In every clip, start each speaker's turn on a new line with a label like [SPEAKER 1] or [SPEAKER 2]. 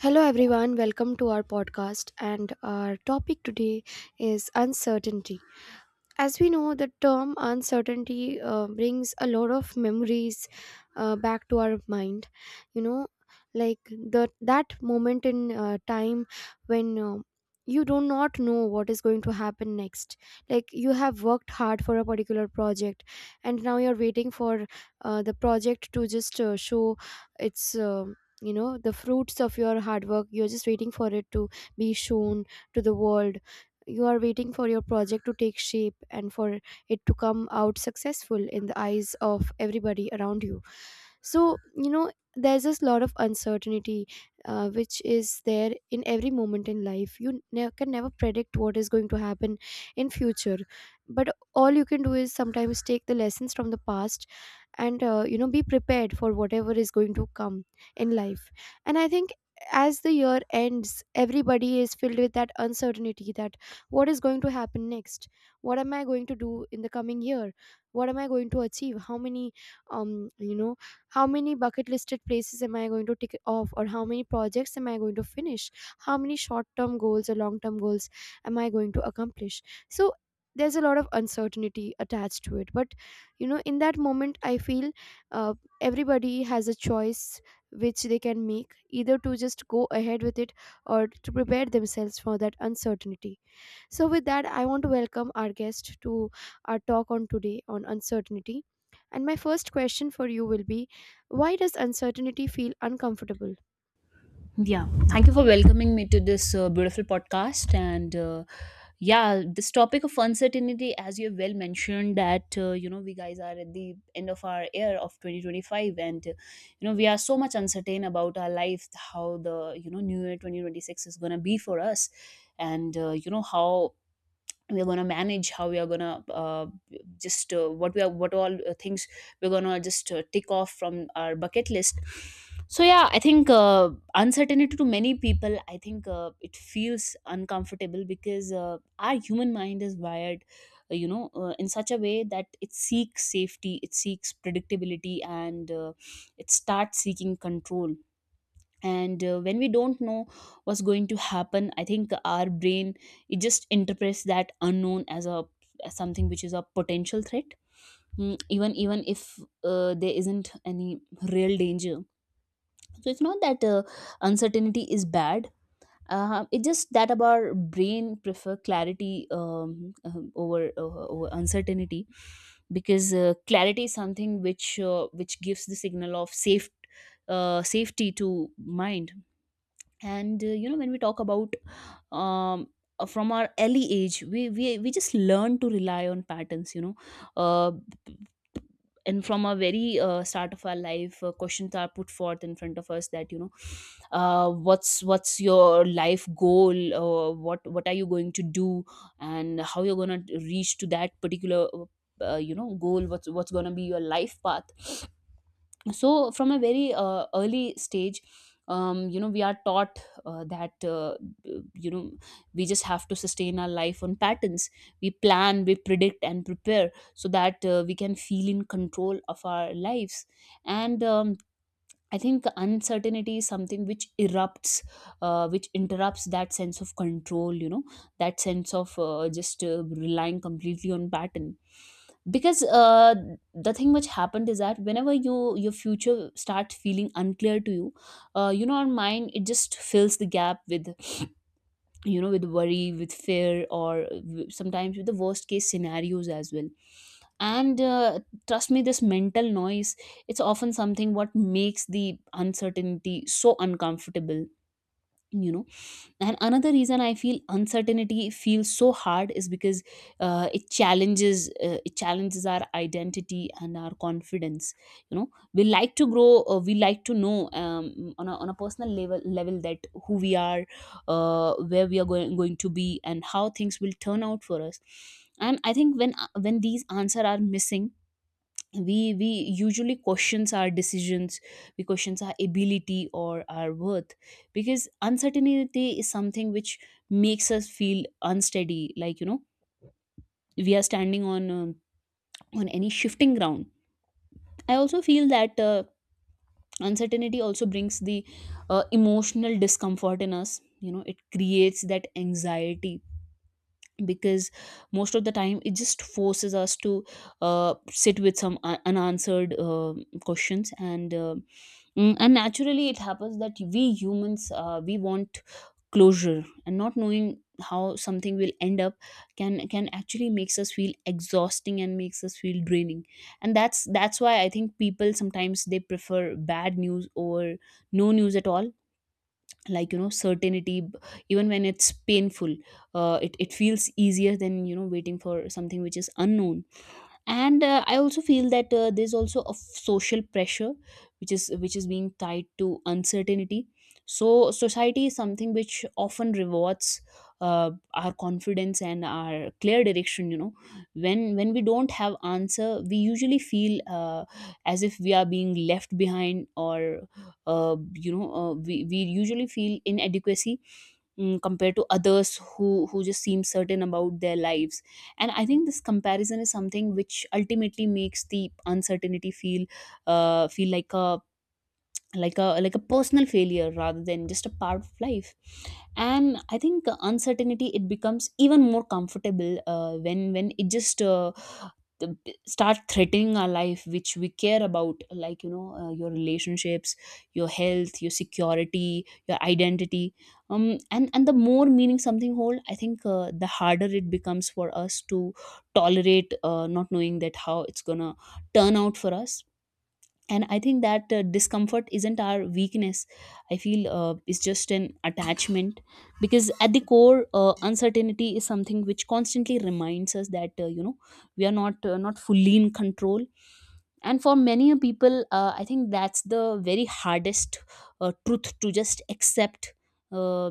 [SPEAKER 1] Hello, everyone. Welcome to our podcast. And our topic today is uncertainty. As we know, the term uncertainty brings a lot of memories back to our mind. You know, like the that moment in time when you do not know what is going to happen next. Like you have worked hard for a particular project, and now you're waiting for the project to just show its. You know, the fruits of your hard work. You're just waiting for it to be shown to the world. You are waiting for your project to take shape and for it to come out successful in the eyes of everybody around you. So, you know, there's this lot of uncertainty which is there in every moment in life. You can never predict what is going to happen in future, but all you can do is sometimes take the lessons from the past and, you know, be prepared for whatever is going to come in life. And I think as the year ends, everybody is filled with that uncertainty, that what is going to happen next, what am I going to do in the coming year, what am I going to achieve, how many um you know how many bucket listed places am I going to tick off, or how many projects am I going to finish, how many short term goals or long term goals am I going to accomplish? So there's a lot of uncertainty attached to it, but, you know, in that moment I feel uh, everybody has a choice, which they can make, either to just go ahead with it or to prepare themselves for that uncertainty. So, with that, I want to welcome our guest to our talk on today on uncertainty. And my first question for you will be, why does uncertainty feel uncomfortable?
[SPEAKER 2] Yeah, thank you for welcoming me to this beautiful podcast. This topic of uncertainty, as you have well mentioned, that we guys are at the end of our year of 2025, and you know we are so much uncertain about our life, how the new year 2026 is gonna be for us, and you know how we're gonna manage, how we are gonna just what we are what all things we're gonna just tick off from our bucket list. So yeah i think uh, uncertainty to many people, I think it feels uncomfortable because our human mind is wired in such a way that it seeks safety, it seeks predictability, and it starts seeking control. And when we don't know what's going to happen, I think our brain, it just interprets that unknown as a as something which is a potential threat. Mm, even if there isn't any real danger. So it's not that uncertainty is bad, it's just that our brain prefer clarity over, over uncertainty, because clarity is something which, which gives the signal of safe, safety to mind. And when we talk about, um from our early age, we just learn to rely on patterns, uh, and from a very start of our life, questions are put forth in front of us that, what's your life goal, what are you going to do, and how you're going to reach to that particular, goal, what's going to be your life path. So from a very early stage, you know, we are taught that you know we just have to sustain our life on patterns. We plan, we predict and prepare, so that we can feel in control of our lives. And I think uncertainty is something which interrupts that sense of control, you know, that sense of just relying completely on pattern. Because The thing which happened is that whenever your future starts feeling unclear to you, you know, our mind, it just fills the gap with, with worry, with fear, or sometimes with the worst case scenarios as well. And Trust me, this mental noise, it's often something what makes the uncertainty so uncomfortable, you know. And another reason I feel uncertainty feels so hard is because it challenges our identity and our confidence. You know, we like to grow. We like to know on a personal level that who we are, where we are going to be, and how things will turn out for us. And I think when these answers are missing, we usually questions our decisions, we questions our ability or our worth, because uncertainty is something which makes us feel unsteady, like you know, we are standing on any shifting ground. I also feel that uncertainty also brings the emotional discomfort in us, you know, it creates that anxiety, because most of the time it just forces us to sit with some unanswered questions, and and naturally it happens that we humans, we want closure, and not knowing how something will end up can actually makes us feel exhausting and makes us feel draining. And that's why I think people sometimes they prefer bad news over no news at all. Like you know, certainty, even when it's painful, it feels easier than, you know, waiting for something which is unknown. And I also feel that there's also a social pressure which is being tied to uncertainty. So society is something which often rewards our confidence and our clear direction, you know. When we don't have answer, we usually feel as if we are being left behind, or we usually feel inadequacy, mm, compared to others who just seem certain about their lives. And I think this comparison is something which ultimately makes the uncertainty feel feel like a like a personal failure rather than just a part of life. And I think uncertainty, it becomes even more comfortable when it just start threatening our life which we care about, like you know, your relationships, your health, your security, your identity. um and the more meaning something hold, I think the harder it becomes for us to tolerate not knowing that how it's gonna turn out for us. And I think that discomfort isn't our weakness, I feel it's just an attachment, because at the core, uncertainty is something which constantly reminds us that, you know, we are not not fully in control. And for many people, I think that's the very hardest truth to just accept. uh,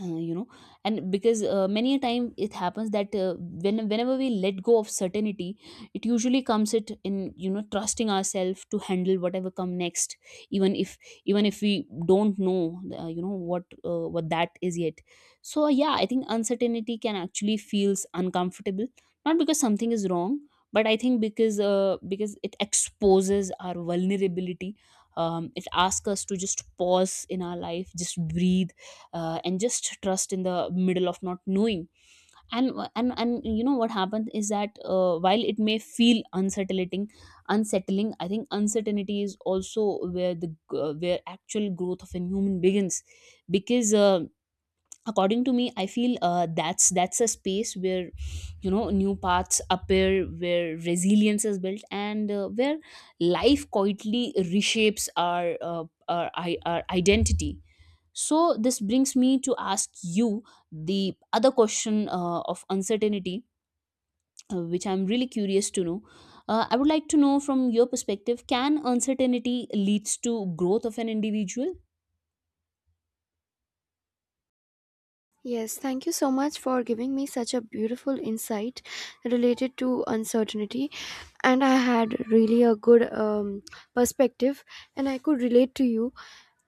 [SPEAKER 2] uh, you know and because many a time it happens that whenever we let go of certainty, it usually comes it in, you know, trusting ourselves to handle whatever come next, even if even if we don't know, what that is yet. So yeah, I think uncertainty can actually feels uncomfortable not because something is wrong, but I think because it exposes our vulnerability. It asks us to just pause in our life, just breathe, and just trust in the middle of not knowing. And you know what happens is that while it may feel unsettling, I think uncertainty is also where the where actual growth of a human begins, because according to me, I feel that's a space where, you know, new paths appear, where resilience is built, and where life quietly reshapes our, our identity. So this brings me to ask you the other question of uncertainty, which I'm really curious to know. I would like to know from your perspective, can uncertainty leads to growth of an individual?
[SPEAKER 1] Yes, thank you so much for giving me such a beautiful insight related to uncertainty. And I had really a good perspective, and I could relate to you.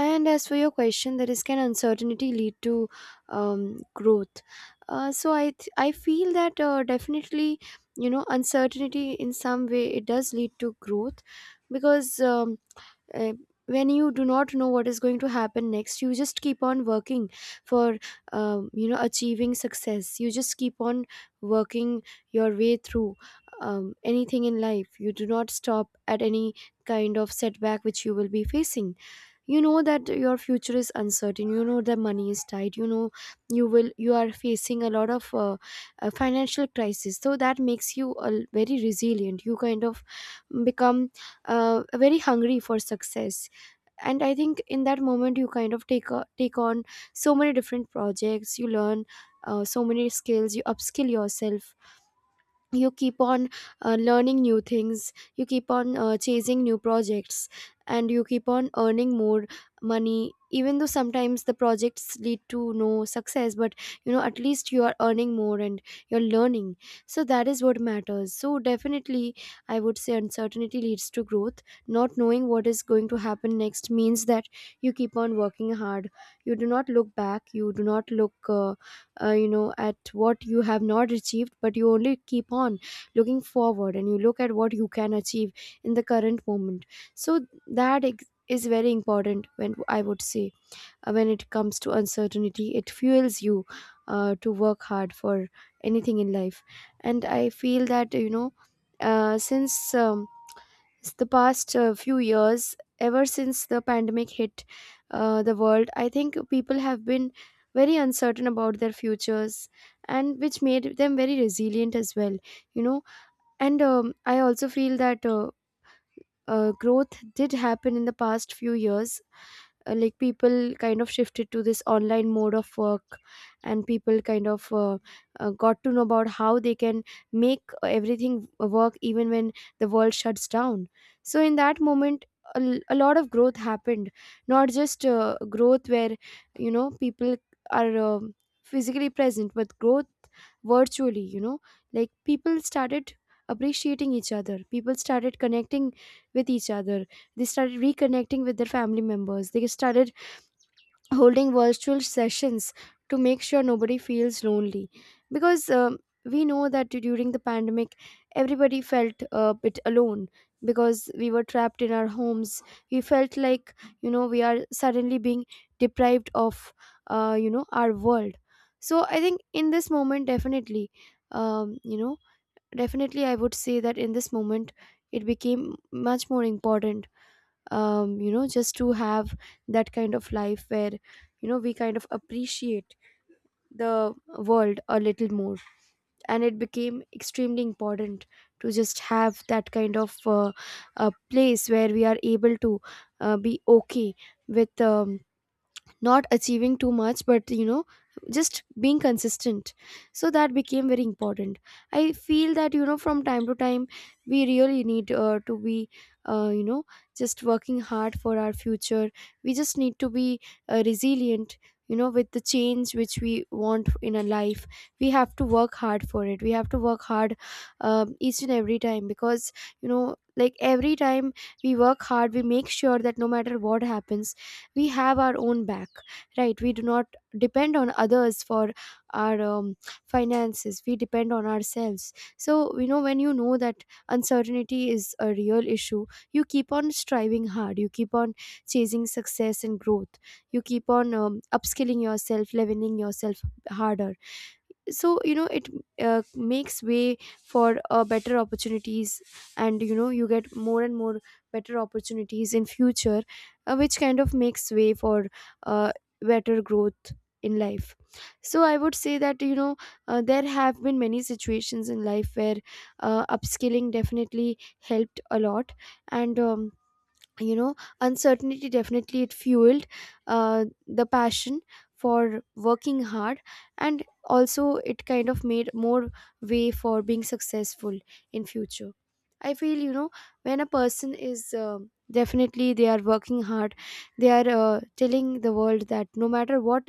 [SPEAKER 1] And as for your question, that is, can uncertainty lead to growth? So I feel that definitely, you know, uncertainty in some way it does lead to growth, because uh, when you do not know what is going to happen next, you just keep on working for, you know, achieving success. You just keep on working your way through anything in life. You do not stop at any kind of setback which you will be facing. You know that your future is uncertain, you know the money is tight, you know you will you are facing a lot of financial crisis, so that makes you very resilient. You kind of become very hungry for success. And I think in that moment you kind of take on so many different projects, you learn so many skills, you upskill yourself, you keep on learning new things, you keep on chasing new projects, and you keep on earning more money. Even though sometimes the projects lead to no success, but you know, at least you are earning more and you're learning. So that is what matters. So definitely I would say uncertainty leads to growth. Not knowing what is going to happen next means that you keep on working hard, you do not look back, you do not look you know, at what you have not achieved, but you only keep on looking forward, and you look at what you can achieve in the current moment. So that is very important. When I would say, uh, when it comes to uncertainty, it fuels you to work hard for anything in life. And I feel that, you know, since um, it's the past few years, ever since the pandemic hit the world, I think people have been very uncertain about their futures, and which made them very resilient as well, you know. And I also feel that growth did happen in the past few years. Like, people kind of shifted to this online mode of work, and people kind of got to know about how they can make everything work even when the world shuts down. So in that moment a lot of growth happened, not just growth where, you know, people are physically present, but growth virtually, you know. Like, people started appreciating each other, people started connecting with each other. They started reconnecting with their family members. They started holding virtual sessions to make sure nobody feels lonely. Because, we know that during the pandemic, everybody felt a bit alone because we were trapped in our homes. We felt like, you know, we are suddenly being deprived of, you know, our world. So I think in this moment, definitely, um, you know, definitely, I would say that in this moment it became much more important, you know, just to have that kind of life where, you know, we kind of appreciate the world a little more. And it became extremely important to just have that kind of a place where we are able to be okay with, not achieving too much, but, you know, just being consistent. So that became very important. I feel that, you know, from time to time we really need to be, you know, just working hard for our future. We just need to be resilient, you know, with the change which we want in our life. We have to work hard for it, we have to work hard each and every time. Because, you know, like, every time we work hard, we make sure that no matter what happens, we have our own back. Right? We do not depend on others for our finances, we depend on ourselves. So, you know, when you know that uncertainty is a real issue, you keep on striving hard, you keep on chasing success and growth, you keep on upskilling yourself, leveling yourself harder. So, you know, it makes way for better opportunities. And, you know, you get more and more better opportunities in future, which kind of makes way for uh, better growth in life. So I would say that, you know, there have been many situations in life where upskilling definitely helped a lot. And, you know, uncertainty, definitely it fueled the passion for working hard, and also it kind of made more way for being successful in future. I feel, you know, when a person is, definitely, they are working hard, they are, telling the world that no matter what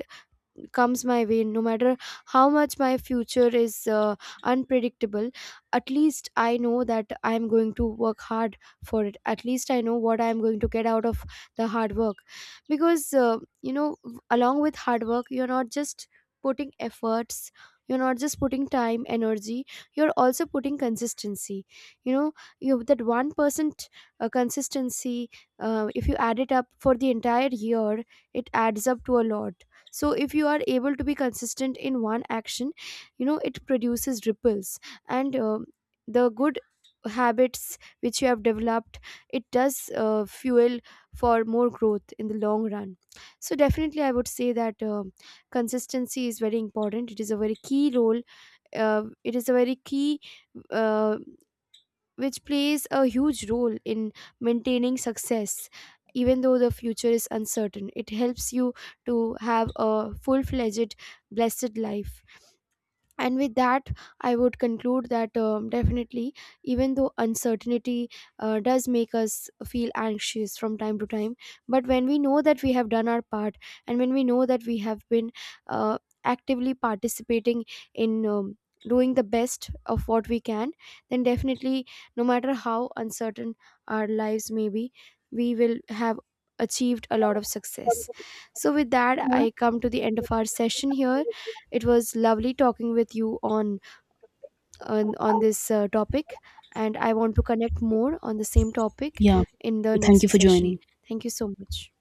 [SPEAKER 1] comes my way, no matter how much my future is unpredictable, at least I know that I'm going to work hard for it. At least I know what I'm going to get out of the hard work. Because, you know, along with hard work, you're not just putting efforts, you're not just putting time, energy, you're also putting consistency. You know, you that 1% consistency, if you add it up for the entire year, it adds up to a lot. So if you are able to be consistent in one action, you know, it produces ripples. And the good habits which you have developed, it does fuel for more growth in the long run. So definitely I would say that, consistency is very important. It is a very key role, it is a very key uh, which plays a huge role in maintaining success. Even though the future is uncertain, it helps you to have a full-fledged, blessed life. And with that, I would conclude that, definitely, even though uncertainty does make us feel anxious from time to time, but when we know that we have done our part, and when we know that we have been, uh, actively participating in, doing the best of what we can, then definitely, no matter how uncertain our lives may be, we will have achieved a lot of success. So with that, I come to the end of our session here. It was lovely talking with you on on this topic, and I want to connect more on the same topic
[SPEAKER 2] Yeah,
[SPEAKER 1] in the
[SPEAKER 2] thank you
[SPEAKER 1] next
[SPEAKER 2] for
[SPEAKER 1] session.
[SPEAKER 2] joining.
[SPEAKER 1] Thank you so much.